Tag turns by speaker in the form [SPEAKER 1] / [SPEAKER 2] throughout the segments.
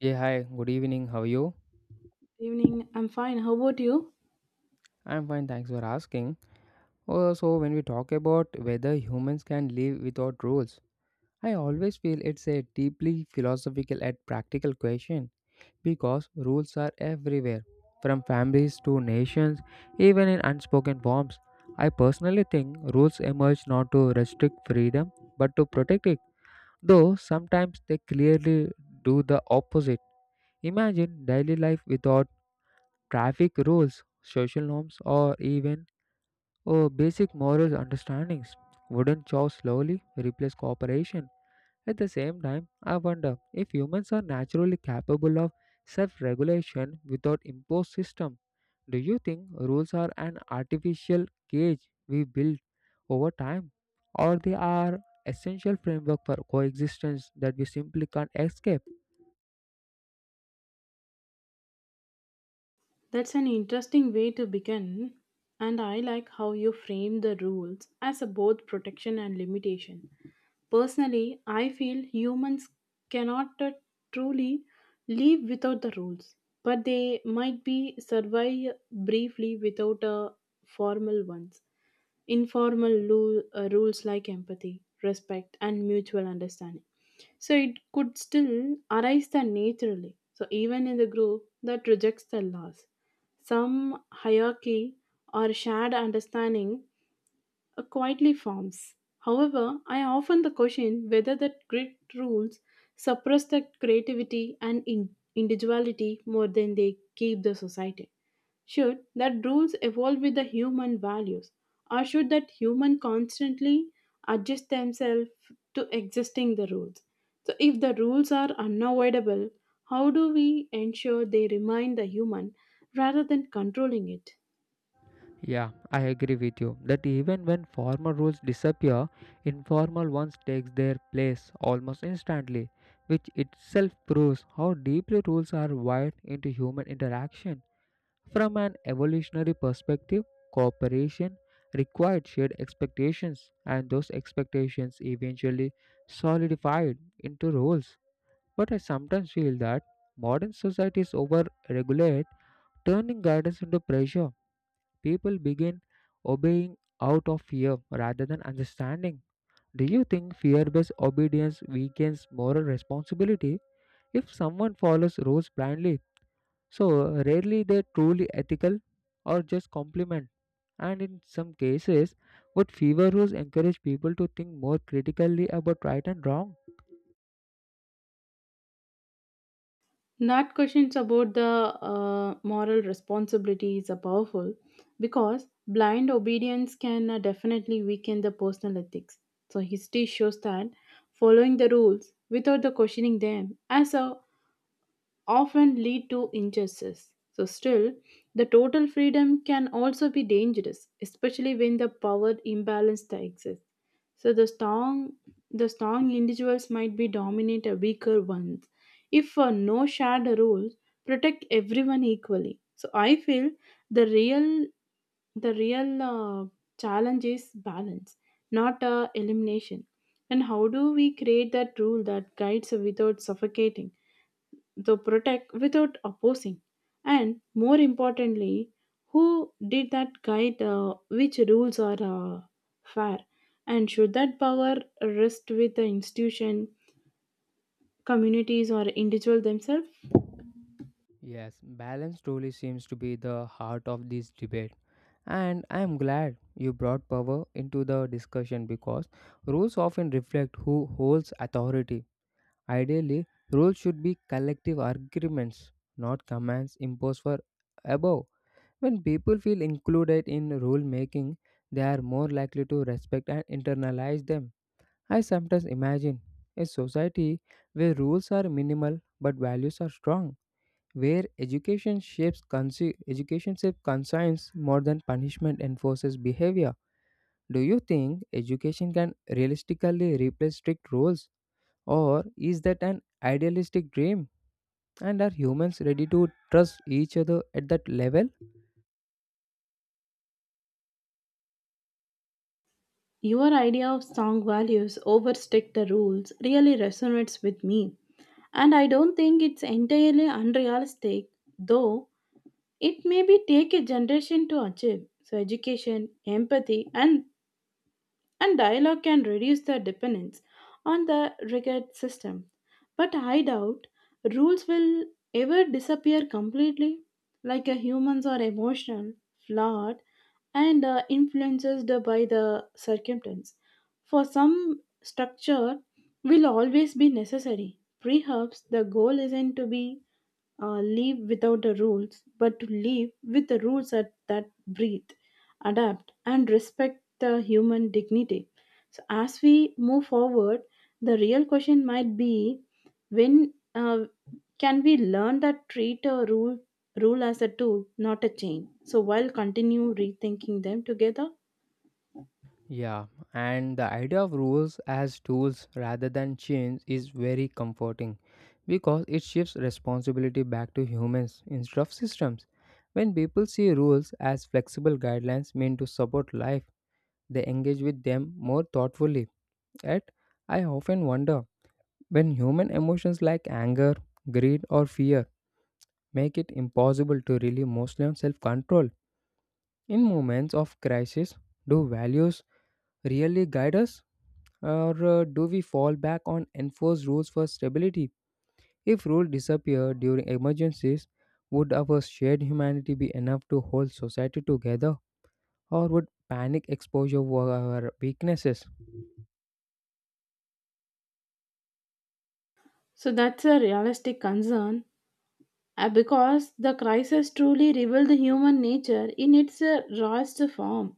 [SPEAKER 1] Yeah, hi, good evening. How are you?
[SPEAKER 2] Evening, I'm fine. How about you?
[SPEAKER 1] I'm fine, thanks for asking. When we talk about whether humans can live without rules, I always feel it's a deeply philosophical and practical question because rules are everywhere, from families to nations, even in unspoken forms. I personally think rules emerge not to restrict freedom but to protect it, though sometimes they clearly do the opposite. Imagine daily life without traffic rules, social norms, or even oh, basic moral understandings. Wouldn't chows slowly replace cooperation? At the same time, I wonder if humans are naturally capable of self regulation without imposed system. Do you think rules are an artificial cage we build over time, or they are essential framework for coexistence that we simply can't escape?
[SPEAKER 2] That's an interesting way to begin, and I like how you frame the rules as a both protection and limitation. Personally, I feel humans cannot truly live without the rules, but they might be survive briefly without a formal ones. Informal rules like empathy, respect, and mutual understanding. So it could still arise then naturally. So even in the group that rejects the laws, some hierarchy or shared understanding quietly forms. However, I often the question whether that grid rules suppress the creativity and individuality more than they keep the society. Should that rules evolve with the human values, or should that human constantly adjust themselves to existing the rules? So if the rules are unavoidable, how do we ensure they remind the human rather than controlling it?
[SPEAKER 1] Yeah, I agree with you that even when formal rules disappear, informal ones takes their place almost instantly, which itself proves how deeply rules are wired into human interaction. From an evolutionary perspective, cooperation required shared expectations, and those expectations eventually solidified into rules. But I sometimes feel that modern societies over-regulate, turning guidance into pressure people begin obeying out of fear rather than understanding. Do you think fear based obedience weakens moral responsibility? If someone follows rules blindly, so rarely they truly ethical or just complement. And in some cases, would fever rules encourage people to think more critically about right and wrong?
[SPEAKER 2] Not questions about the moral responsibilities are powerful because blind obedience can definitely weaken the personal ethics. So history shows that following the rules without the questioning them as a often lead to injustice. So, still, the total freedom can also be dangerous, especially when the power imbalance that exists. So, the strong individuals might be dominate a weaker ones. If no shared rules protect everyone equally, so I feel the real, the real challenge is balance, not elimination. And how do we create that rule that guides without suffocating? The protect without opposing, and more importantly, who did that guide, which rules are fair, and should that power rest with the institution, communities, or individual themselves?
[SPEAKER 1] Yes, balance truly seems to be the heart of this debate. And I am glad you brought power into the discussion because rules often reflect who holds authority. Ideally, rules should be collective agreements, not commands imposed for above. When people feel included in rule making, they are more likely to respect and internalize them. I sometimes imagine a society where rules are minimal but values are strong where education shapes conscience more than punishment enforces behavior. Do you think education can realistically replace strict rules, or is that an idealistic dream? And are humans ready to trust each other at that level?
[SPEAKER 2] Your idea of strong values over strict rules really resonates with me, and I don't think it's entirely unrealistic, though it may be take a generation to achieve. So education, empathy, and dialogue can reduce the dependence on the rigid system. But I doubt rules will ever disappear completely, like a humans are emotional, flawed, and influenced by the circumstance. For some structure will always be necessary. Perhaps the goal isn't to be live without the rules, but to live with the rules that, that breathe, adapt, and respect the human dignity. So, as we move forward, the real question might be when, can we learn that treat a rule as a tool, not a chain? So, while continue rethinking them together.
[SPEAKER 1] Yeah, and the idea of rules as tools rather than chains is very comforting because it shifts responsibility back to humans instead of systems. When people see rules as flexible guidelines meant to support life, they engage with them more thoughtfully. Yet, I often wonder when human emotions like anger, greed, or fear make it impossible to rely mostly on self control. In moments of crisis, do values really guide us? Or do we fall back on enforced rules for stability? If rules disappear during emergencies, would our shared humanity be enough to hold society together, or would panic exposure were our weaknesses?
[SPEAKER 2] So, that's a realistic concern. Because the crisis truly revealed the human nature in its rawest form.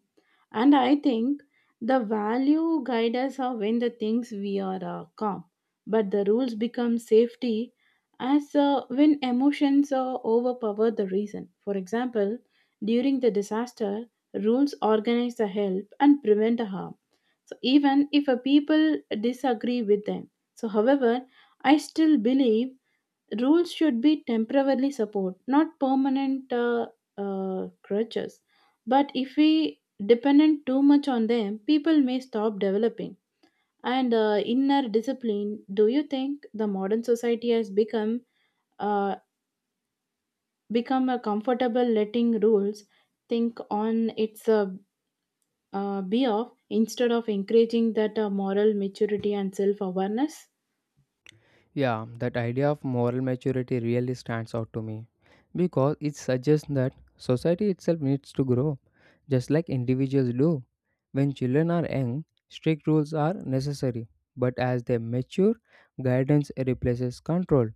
[SPEAKER 2] And I think the value guide us are when the things we are calm, but the rules become safety as, when emotions overpower the reason. For example, during the disaster, rules organize the help and prevent the harm. So even if a people disagree with them, so however, I still believe rules should be temporarily support, not permanent crutches. But if we dependent too much on them, people may stop developing. And inner discipline. Do you think the modern society has become uh, become a comfortable letting rules think on its be off instead of encouraging that moral maturity and self awareness?
[SPEAKER 1] Yeah, that idea of moral maturity really stands out to me because it suggests that society itself needs to grow, just like individuals do. When children are young, strict rules are necessary, but as they mature, guidance replaces control.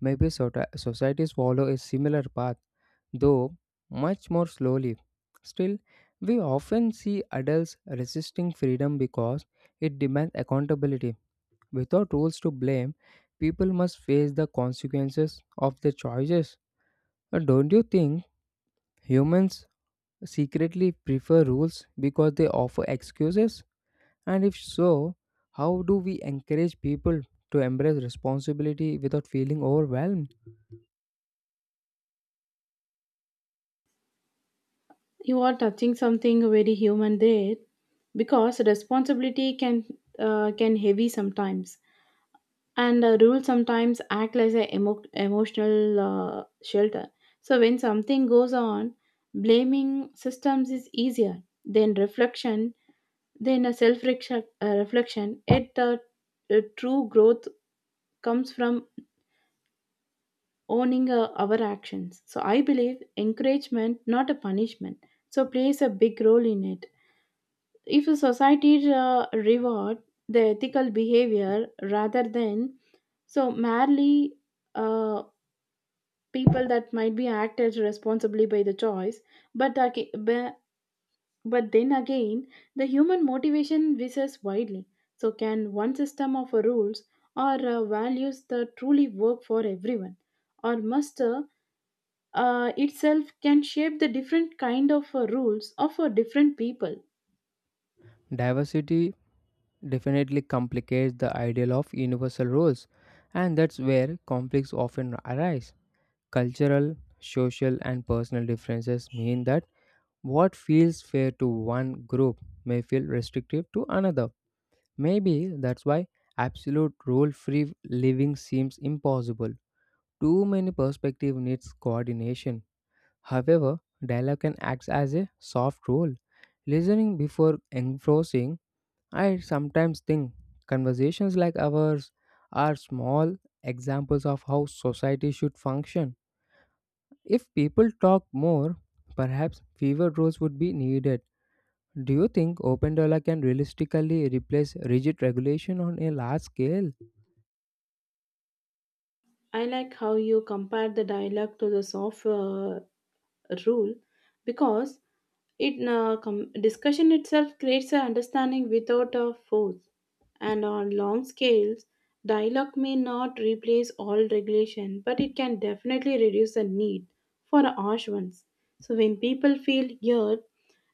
[SPEAKER 1] Maybe societies follow a similar path, though much more slowly. Still, we often see adults resisting freedom because it demands accountability. Without rules to blame, people must face the consequences of their choices. Don't you think humans secretly prefer rules because they offer excuses? And if so, how do we encourage people to embrace responsibility without feeling overwhelmed?
[SPEAKER 2] You are touching something very human there because responsibility can heavy sometimes, and rules sometimes act as an emotional shelter. So when something goes on, blaming systems is easier than reflection, then a self reflection. It True growth comes from owning our actions. So I believe encouragement, not a punishment, so plays a big role in it. If a society reward the ethical behavior rather than so merely uh, people that might be acted responsibly by the choice, but but then again, the human motivation varies widely. So, can one system of rules or values that truly work for everyone, or must itself can shape the different kind of rules of different people?
[SPEAKER 1] Diversity definitely complicates the ideal of universal rules, and that's where conflicts often arise. Cultural, social, and personal differences mean that what feels fair to one group may feel restrictive to another. Maybe that's why absolute rule free living seems impossible. Too many perspectives needs coordination. However, dialogue can act as a soft rule. Listening before enforcing, I sometimes think conversations like ours are small examples of how society should function. If people talk more, perhaps fewer rules would be needed. Do you think open dollar can realistically replace rigid regulation on a large scale?
[SPEAKER 2] I like how you compare the dialogue to the soft rule, because it discussion itself creates an understanding without a force. And on long scales, dialogue may not replace all regulation, but it can definitely reduce the need for harsh ones. So when people feel heard,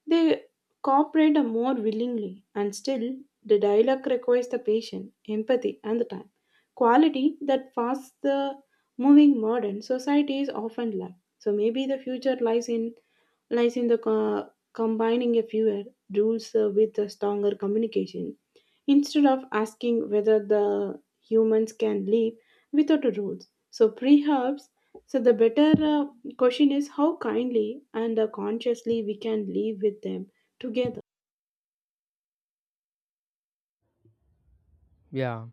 [SPEAKER 2] they cooperate more willingly, and still the dialogue requires the patience, empathy, and the time quality that fast the moving modern societies often lack. So maybe the future lies in the combining a fewer rules with a stronger communication, instead of asking whether the humans can live without rules. So perhaps so the better question is how kindly and consciously we can live with them together.
[SPEAKER 1] Yeah,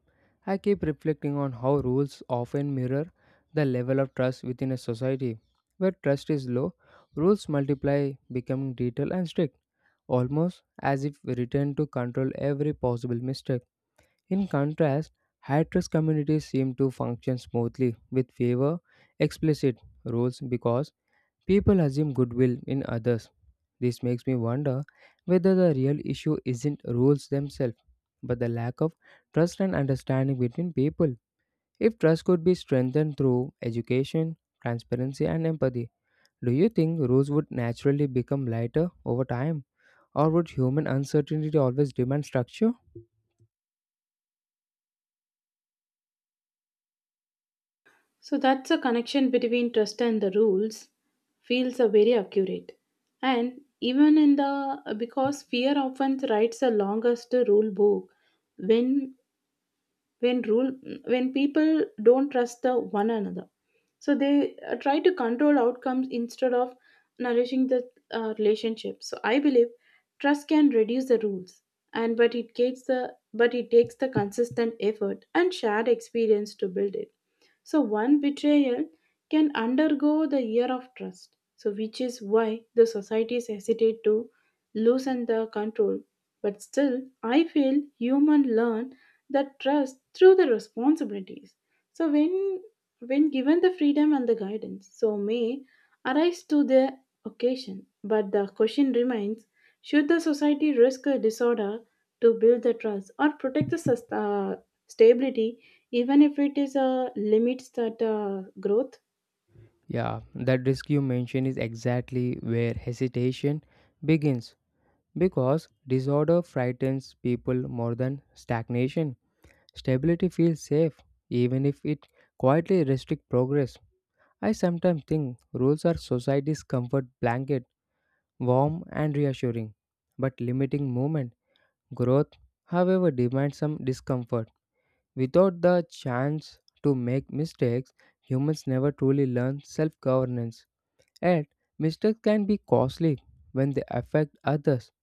[SPEAKER 1] I keep reflecting on how rules often mirror the level of trust within a society. Where trust is low, rules multiply, becoming detailed and strict, almost as if written to control every possible mistake. In contrast, high-trust communities seem to function smoothly with fewer explicit rules because people assume goodwill in others. This makes me wonder whether the real issue isn't rules themselves, but the lack of trust and understanding between people. If trust could be strengthened through education, transparency, and empathy, do you think rules would naturally become lighter over time? Or would human uncertainty always demand structure?
[SPEAKER 2] So that's a connection between trust and the rules feels a very accurate. And even in the because fear often writes the longest rule book when when rule when people don't trust the one another. So they try to control outcomes instead of nourishing the relationship. So I believe trust can reduce the rules and but it takes the consistent effort and shared experience to build it. So one betrayal can undergo the year of trust. So which is why the societies hesitate to loosen the control. But still, I feel human learn that trust through the responsibilities. So when given the freedom and the guidance, so may arise to the occasion. But the question remains: should the society risk a disorder to build the trust, or protect the stability even if it is limits that growth?
[SPEAKER 1] Yeah, that risk you mention is exactly where hesitation begins because disorder frightens people more than stagnation. Stability feels safe, even if it quietly restricts progress. I sometimes think rules are society's comfort blanket, warm and reassuring, but limiting movement. Growth, however, demands some discomfort. Without the chance to make mistakes, humans never truly learn self governance. And mistakes can be costly when they affect others.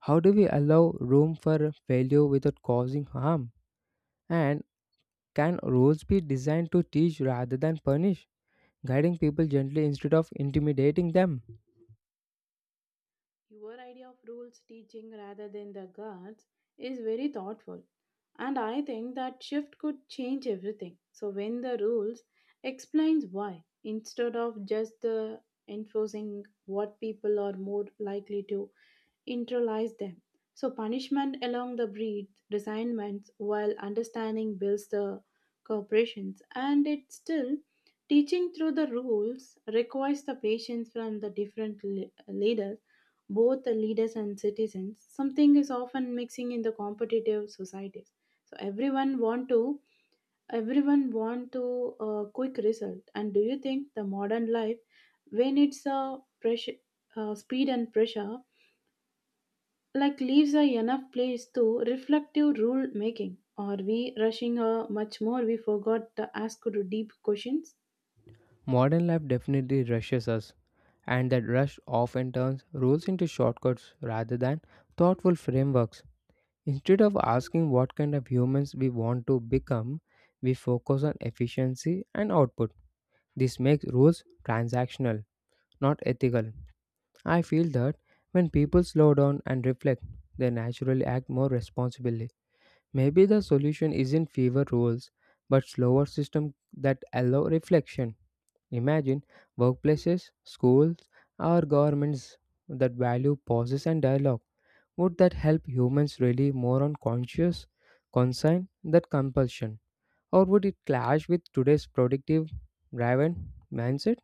[SPEAKER 1] How do we allow room for failure without causing harm? And can rules be designed to teach rather than punish, guiding people gently instead of intimidating them?
[SPEAKER 2] Your idea of rules teaching rather than the guards is very thoughtful, and I think that shift could change everything. So when the rules explains why instead of just the enforcing what, people are more likely to internalize them. So punishment along the breed resignments, while understanding builds the corporations, and it's still teaching through the rules requires the patience from the different leaders, both the leaders and citizens, something is often mixing in the competitive societies. So everyone want to quick result. And do you think the modern life, when it's a pressure, speed and pressure, like leaves are enough place to reflective rule making, or we rushing much more we forgot to ask to deep questions?
[SPEAKER 1] Modern life definitely rushes us, and that rush often turns rules into shortcuts rather than thoughtful frameworks. Instead of asking what kind of humans we want to become, we focus on efficiency and output. This makes rules transactional, not ethical. I feel that when people slow down and reflect, they naturally act more responsibly. Maybe the solution isn't fewer rules, but slower systems that allow reflection. Imagine workplaces, schools, or governments that value pauses and dialogue. Would that help humans really more on conscious concern than compulsion? Or would it clash with today's productive driven mindset?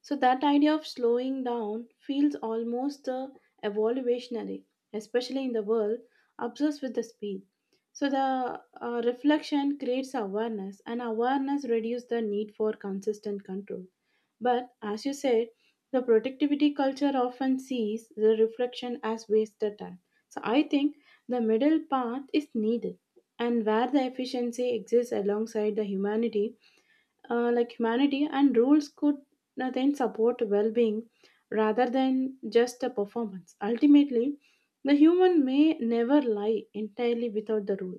[SPEAKER 2] So that idea of slowing down feels almost evolutionary, especially in the world obsessed with the speed. So the reflection creates awareness, and awareness reduces the need for consistent control. But as you said, the productivity culture often sees the reflection as wasted time. So I think the middle path is needed, and where the efficiency exists alongside the humanity, like humanity and rules could then support well-being rather than just a performance. Ultimately the human may never lie entirely without the rule,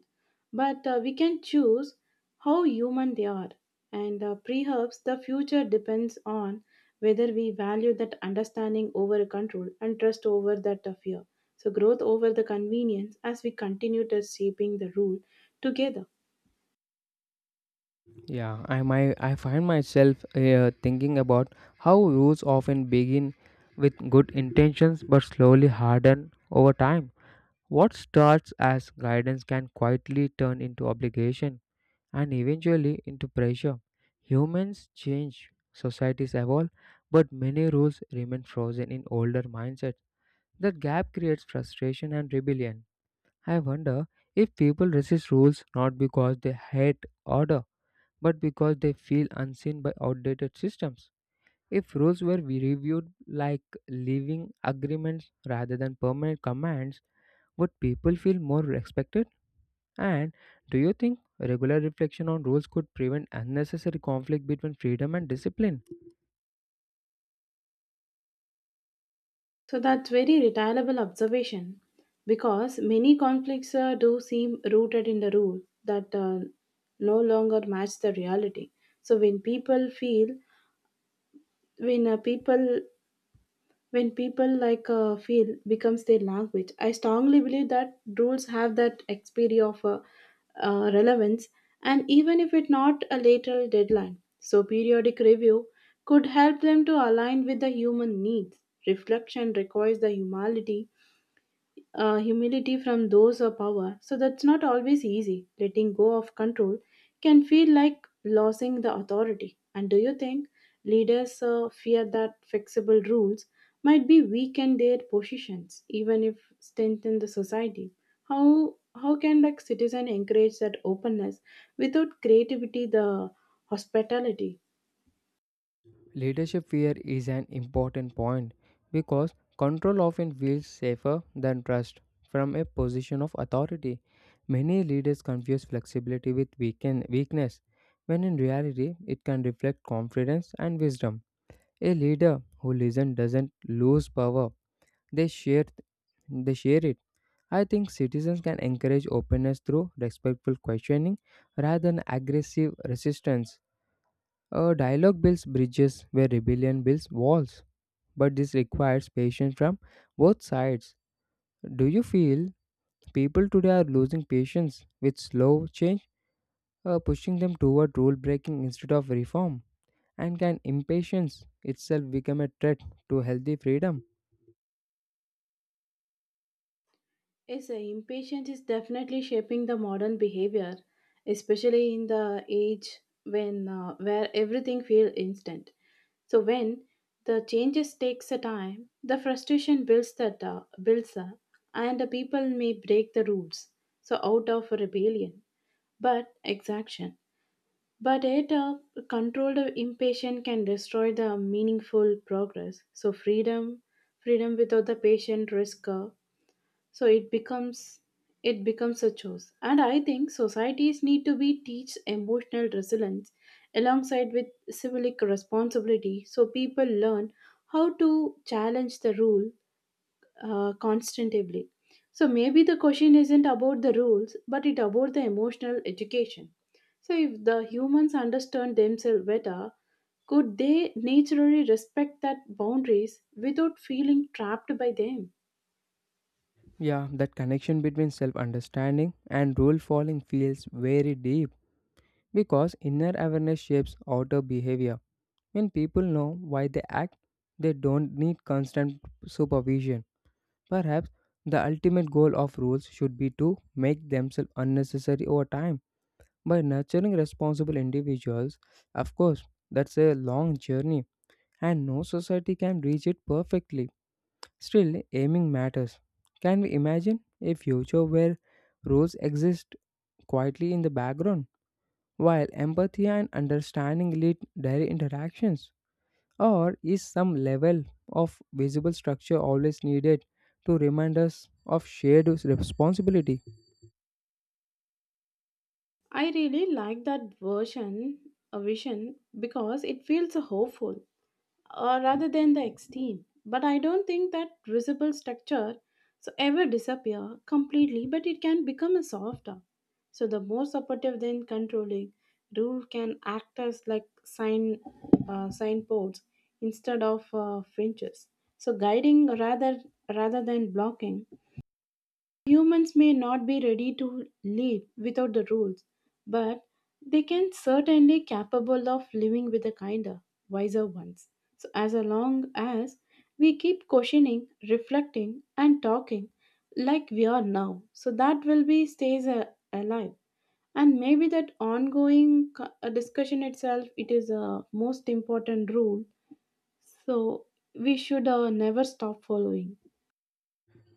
[SPEAKER 2] but we can choose how human they are, and perhaps the future depends on whether we value that understanding over control and trust over that fear, so growth over the convenience, as we continue to shaping the rule together.
[SPEAKER 1] Yeah, I find myself thinking about how rules often begin with good intentions but slowly harden over time. What starts as guidance can quietly turn into obligation and eventually into pressure. Humans change, societies evolve, but many rules remain frozen in older mindsets. That gap creates frustration and rebellion. I wonder if people resist rules not because they hate order, but because they feel unseen by outdated systems. If rules were we reviewed like living agreements rather than permanent commands, would people feel more respected? And do you think regular reflection on rules could prevent unnecessary conflict between freedom and discipline?
[SPEAKER 2] So that's very retireable observation because many conflicts do seem rooted in the rule that no longer match the reality. So when uh, people, when people like feel becomes their language, I strongly believe that rules have that expiry of relevance, and even if it not a later deadline. So periodic review could help them to align with the human needs. Reflection requires the humility, humility from those of power. So that's not always easy. Letting go of control can feel like losing the authority. And do you think leaders fear that flexible rules might be weaken their positions, even if strengthen the society? How can like citizen encourage that openness without creativity the hospitality?
[SPEAKER 1] Leadership fear is an important point because control often feels safer than trust from a position of authority. Many leaders confuse flexibility with weakness, when in reality, it can reflect confidence and wisdom. A leader who listens doesn't lose power, they share, they share it. I think citizens can encourage openness through respectful questioning rather than aggressive resistance. A dialogue builds bridges where rebellion builds walls, but this requires patience from both sides. Do you feel people today are losing patience with slow change, pushing them toward rule breaking instead of reform? And can impatience itself become a threat to healthy freedom?
[SPEAKER 2] Yes, impatience is definitely shaping the modern behavior, especially in the age when where everything feels instant. So when the changes takes a time, the frustration builds that builds up, and the people may break the rules. So out of rebellion, but exaction. But yet, controlled impatience can destroy the meaningful progress. So freedom without the patient risk. So it becomes a choice. And I think societies need to be teach emotional resilience alongside with civic responsibility, so people learn how to challenge the rule constantly. So maybe the question isn't about the rules, but it about the emotional education. So if the humans understand themselves better, could they naturally respect that boundaries without feeling trapped by them?
[SPEAKER 1] Yeah, that connection between self understanding and rule following feels very deep, because inner awareness shapes outer behavior. When people know why they act, they don't need constant supervision. Perhaps the ultimate goal of rules should be to make themselves unnecessary over time by nurturing responsible individuals. Of course, that's a long journey, and no society can reach it perfectly. Still, aiming matters. Can we imagine a future where rules exist quietly in the background, while empathy and understanding lead daily interactions? Or is some level of visible structure always needed to remind us of shared responsibility?
[SPEAKER 2] I really like that version, a vision, because it feels hopeful rather than the extreme. But I don't think that visible structure so ever disappear completely, but it can become a softer. So the more supportive than controlling, rule can act as like sign, signposts instead of fringes. So guiding rather than blocking. Humans may not be ready to live without the rules, but they can certainly capable of living with the kinder, wiser ones. So as long as we keep questioning, reflecting, and talking like we are now, so that will be stays alive. And maybe that ongoing discussion itself, it is a most important rule. So we should never stop following.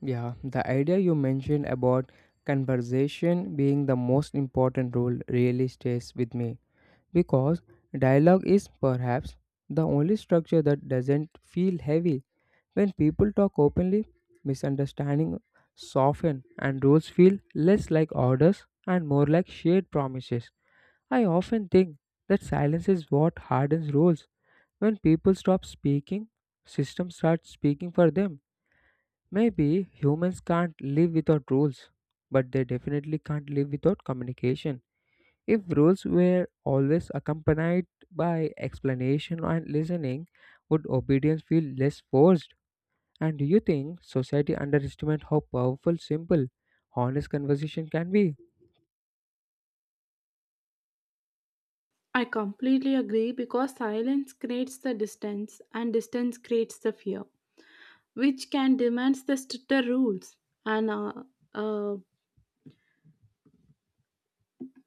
[SPEAKER 1] Yeah, the idea you mentioned about conversation being the most important role really stays with me because dialogue is perhaps the only structure that doesn't feel heavy. When people talk openly, misunderstanding soften and rules feel less like orders and more like shared promises. I often think that silence is what hardens rules. When people stop speaking, systems start speaking for them. Maybe humans can't live without rules, but they definitely can't live without communication. If rules were always accompanied by explanation and listening, would obedience feel less forced? And do you think society underestimates how powerful, simple, honest conversation can be?
[SPEAKER 2] I completely agree because silence creates the distance and distance creates the fear, which can demand the stricter rules. And uh,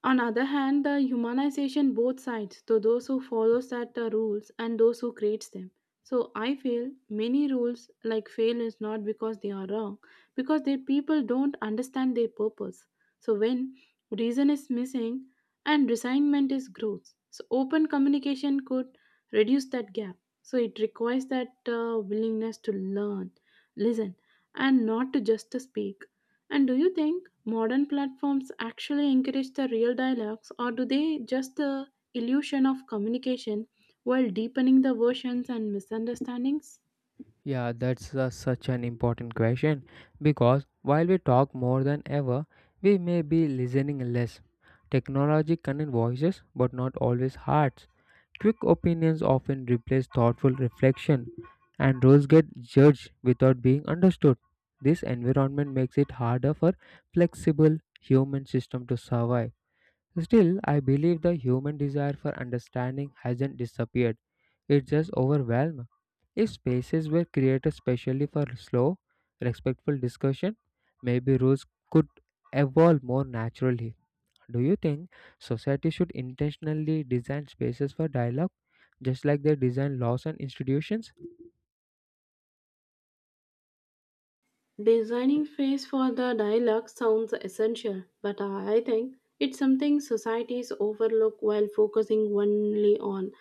[SPEAKER 2] On other hand, the humanization both sides, to those who follow that the rules and those who creates them. So I feel many rules like fail is not because they are wrong, because their people don't understand their purpose. So when reason is missing and resignment is growth, so open communication could reduce that gap. So it requires that willingness to learn, listen, and not to just to speak. And do you think modern platforms actually encourage the real dialogues, or do they just the illusion of communication while deepening the versions and misunderstandings?
[SPEAKER 1] Yeah, that's such an important question because while we talk more than ever, we may be listening less. Technology connects voices but not always hearts. Quick opinions often replace thoughtful reflection, and rules get judged without being understood. This environment makes it harder for flexible human system to survive. Still, I believe the human desire for understanding hasn't disappeared, it's just overwhelmed. If spaces were created specially for slow, respectful discussion, maybe rules could evolve more naturally. Do you think society should intentionally design spaces for dialogue, just like they design laws and institutions?
[SPEAKER 2] Designing space for the dialogue sounds essential, but I think it's something societies overlook while focusing only on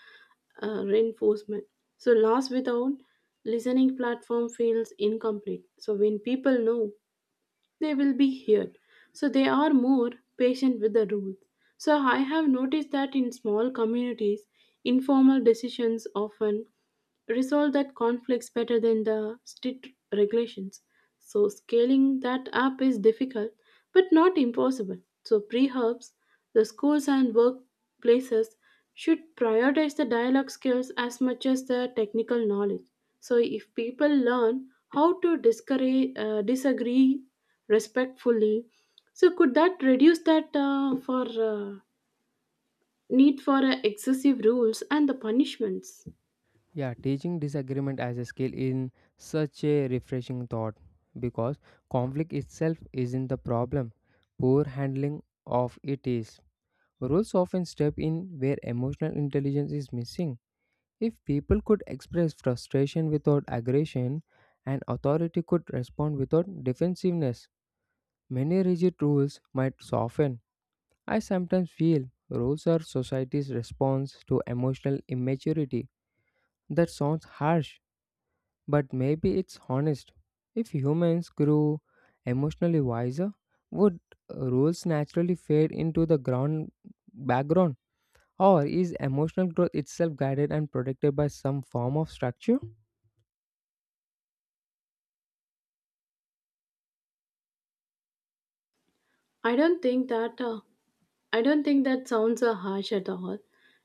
[SPEAKER 2] reinforcement. So, loss without listening platform feels incomplete. So, when people know they will be here. So they are more patient with the rules. So I have noticed that in small communities, informal decisions often resolve that conflicts better than the strict regulations. So scaling that up is difficult but not impossible. So pre-hubs, the schools and workplaces should prioritize the dialogue skills as much as the technical knowledge. So if people learn how to disagree respectfully, so could that reduce that for uh, need for excessive rules and the punishments.
[SPEAKER 1] Yeah, teaching disagreement as a skill is such a refreshing thought because conflict itself isn't the problem. Poor handling of it is. Rules often step in where emotional intelligence is missing. If people could express frustration without aggression and authority could respond without defensiveness, many rigid rules might soften. I sometimes feel rules are society's response to emotional immaturity. That sounds harsh, but maybe it's honest. If humans grew emotionally wiser, would rules naturally fade into the ground background? Or is emotional growth itself guided and protected by some form of structure?
[SPEAKER 2] I don't think that. Uh, I don't think that sounds harsh at all.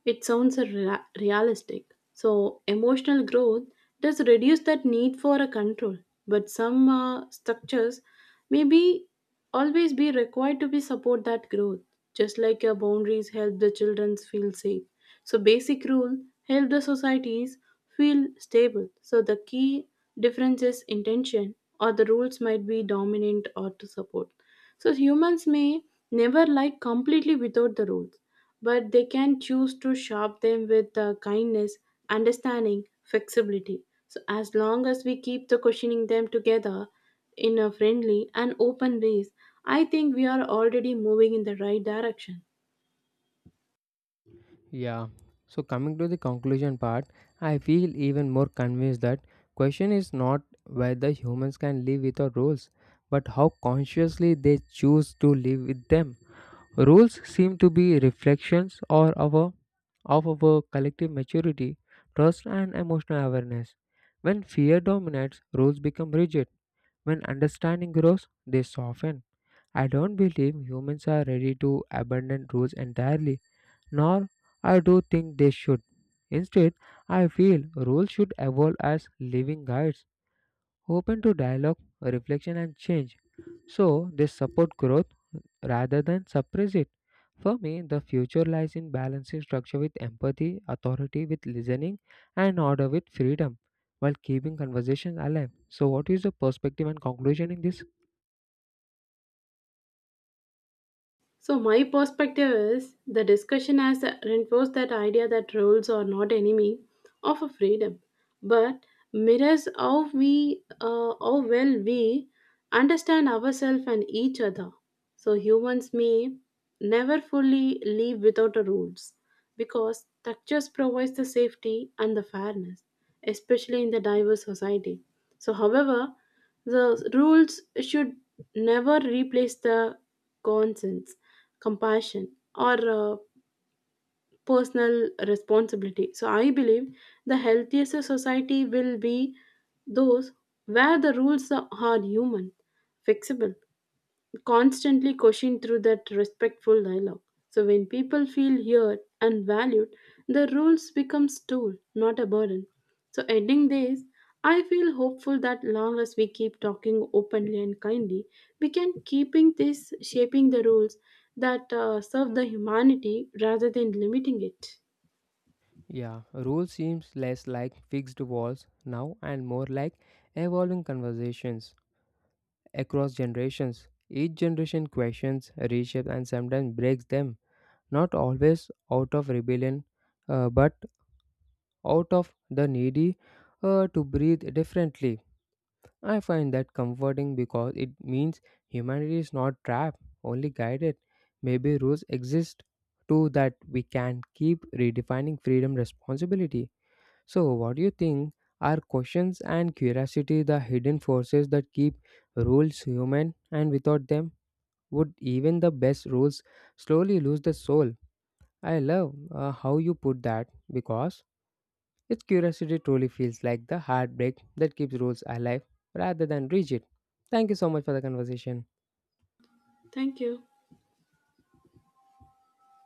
[SPEAKER 2] It sounds realistic. So emotional growth does reduce that need for a control, but some structures may be always be required to be support that growth. Just like your boundaries help the children feel safe, so basic rule help the societies feel stable. So the key difference is intention, or the rules might be dominant or to support. So humans may never like completely without the rules, but they can choose to sharp them with kindness, understanding, flexibility. So as long as we keep the questioning them together in a friendly and open ways, I think we are already moving in the right direction.
[SPEAKER 1] Yeah. So coming to the conclusion part, I feel even more convinced that question is not whether humans can live without rules, but how consciously they choose to live with them. Rules seem to be of our collective maturity, trust, and emotional awareness. When fear dominates, rules become rigid. When understanding grows, they soften. I don't believe humans are ready to abandon rules entirely, nor I do think they should. Instead, I feel rules should evolve as living guides open to dialogue, reflection, and change. So they support growth rather than suppress it. For me, the future lies in balancing structure with empathy, authority with listening, and order with freedom while keeping conversation alive. So, what is your perspective and conclusion in this?
[SPEAKER 2] So, my perspective is the discussion has reinforced that idea that rules are not enemy of a freedom, but mirrors how we, how well we understand ourselves and each other. So, humans may never fully live without the rules because structures provides the safety and the fairness, especially in the diverse society. So, however, the rules should never replace the conscience, compassion, or personal responsibility. So, I believe the healthiest society will be those where the rules are human, flexible, constantly question through that respectful dialogue. So when people feel heard and valued, the rules becomes tool, not a burden. So ending this, I feel hopeful that long as we keep talking openly and kindly, we can keeping this shaping the rules that serve the humanity rather than limiting it.
[SPEAKER 1] Yeah, rule seems less like fixed walls now and more like evolving conversations across generations. Each generation questions, reshapes, and sometimes breaks them, not always out of rebellion, but out of the needy to breathe differently. I find that comforting because it means humanity is not trapped, only guided. Maybe rules exist too that we can keep redefining freedom responsibility. So, what do you think? Are questions and curiosity the hidden forces that keep rules human, and without them, would even the best rules slowly lose the soul? I love how you put that because its curiosity truly feels like the heartbreak that keeps rules alive rather than rigid. Thank you so much for the conversation.
[SPEAKER 2] Thank you.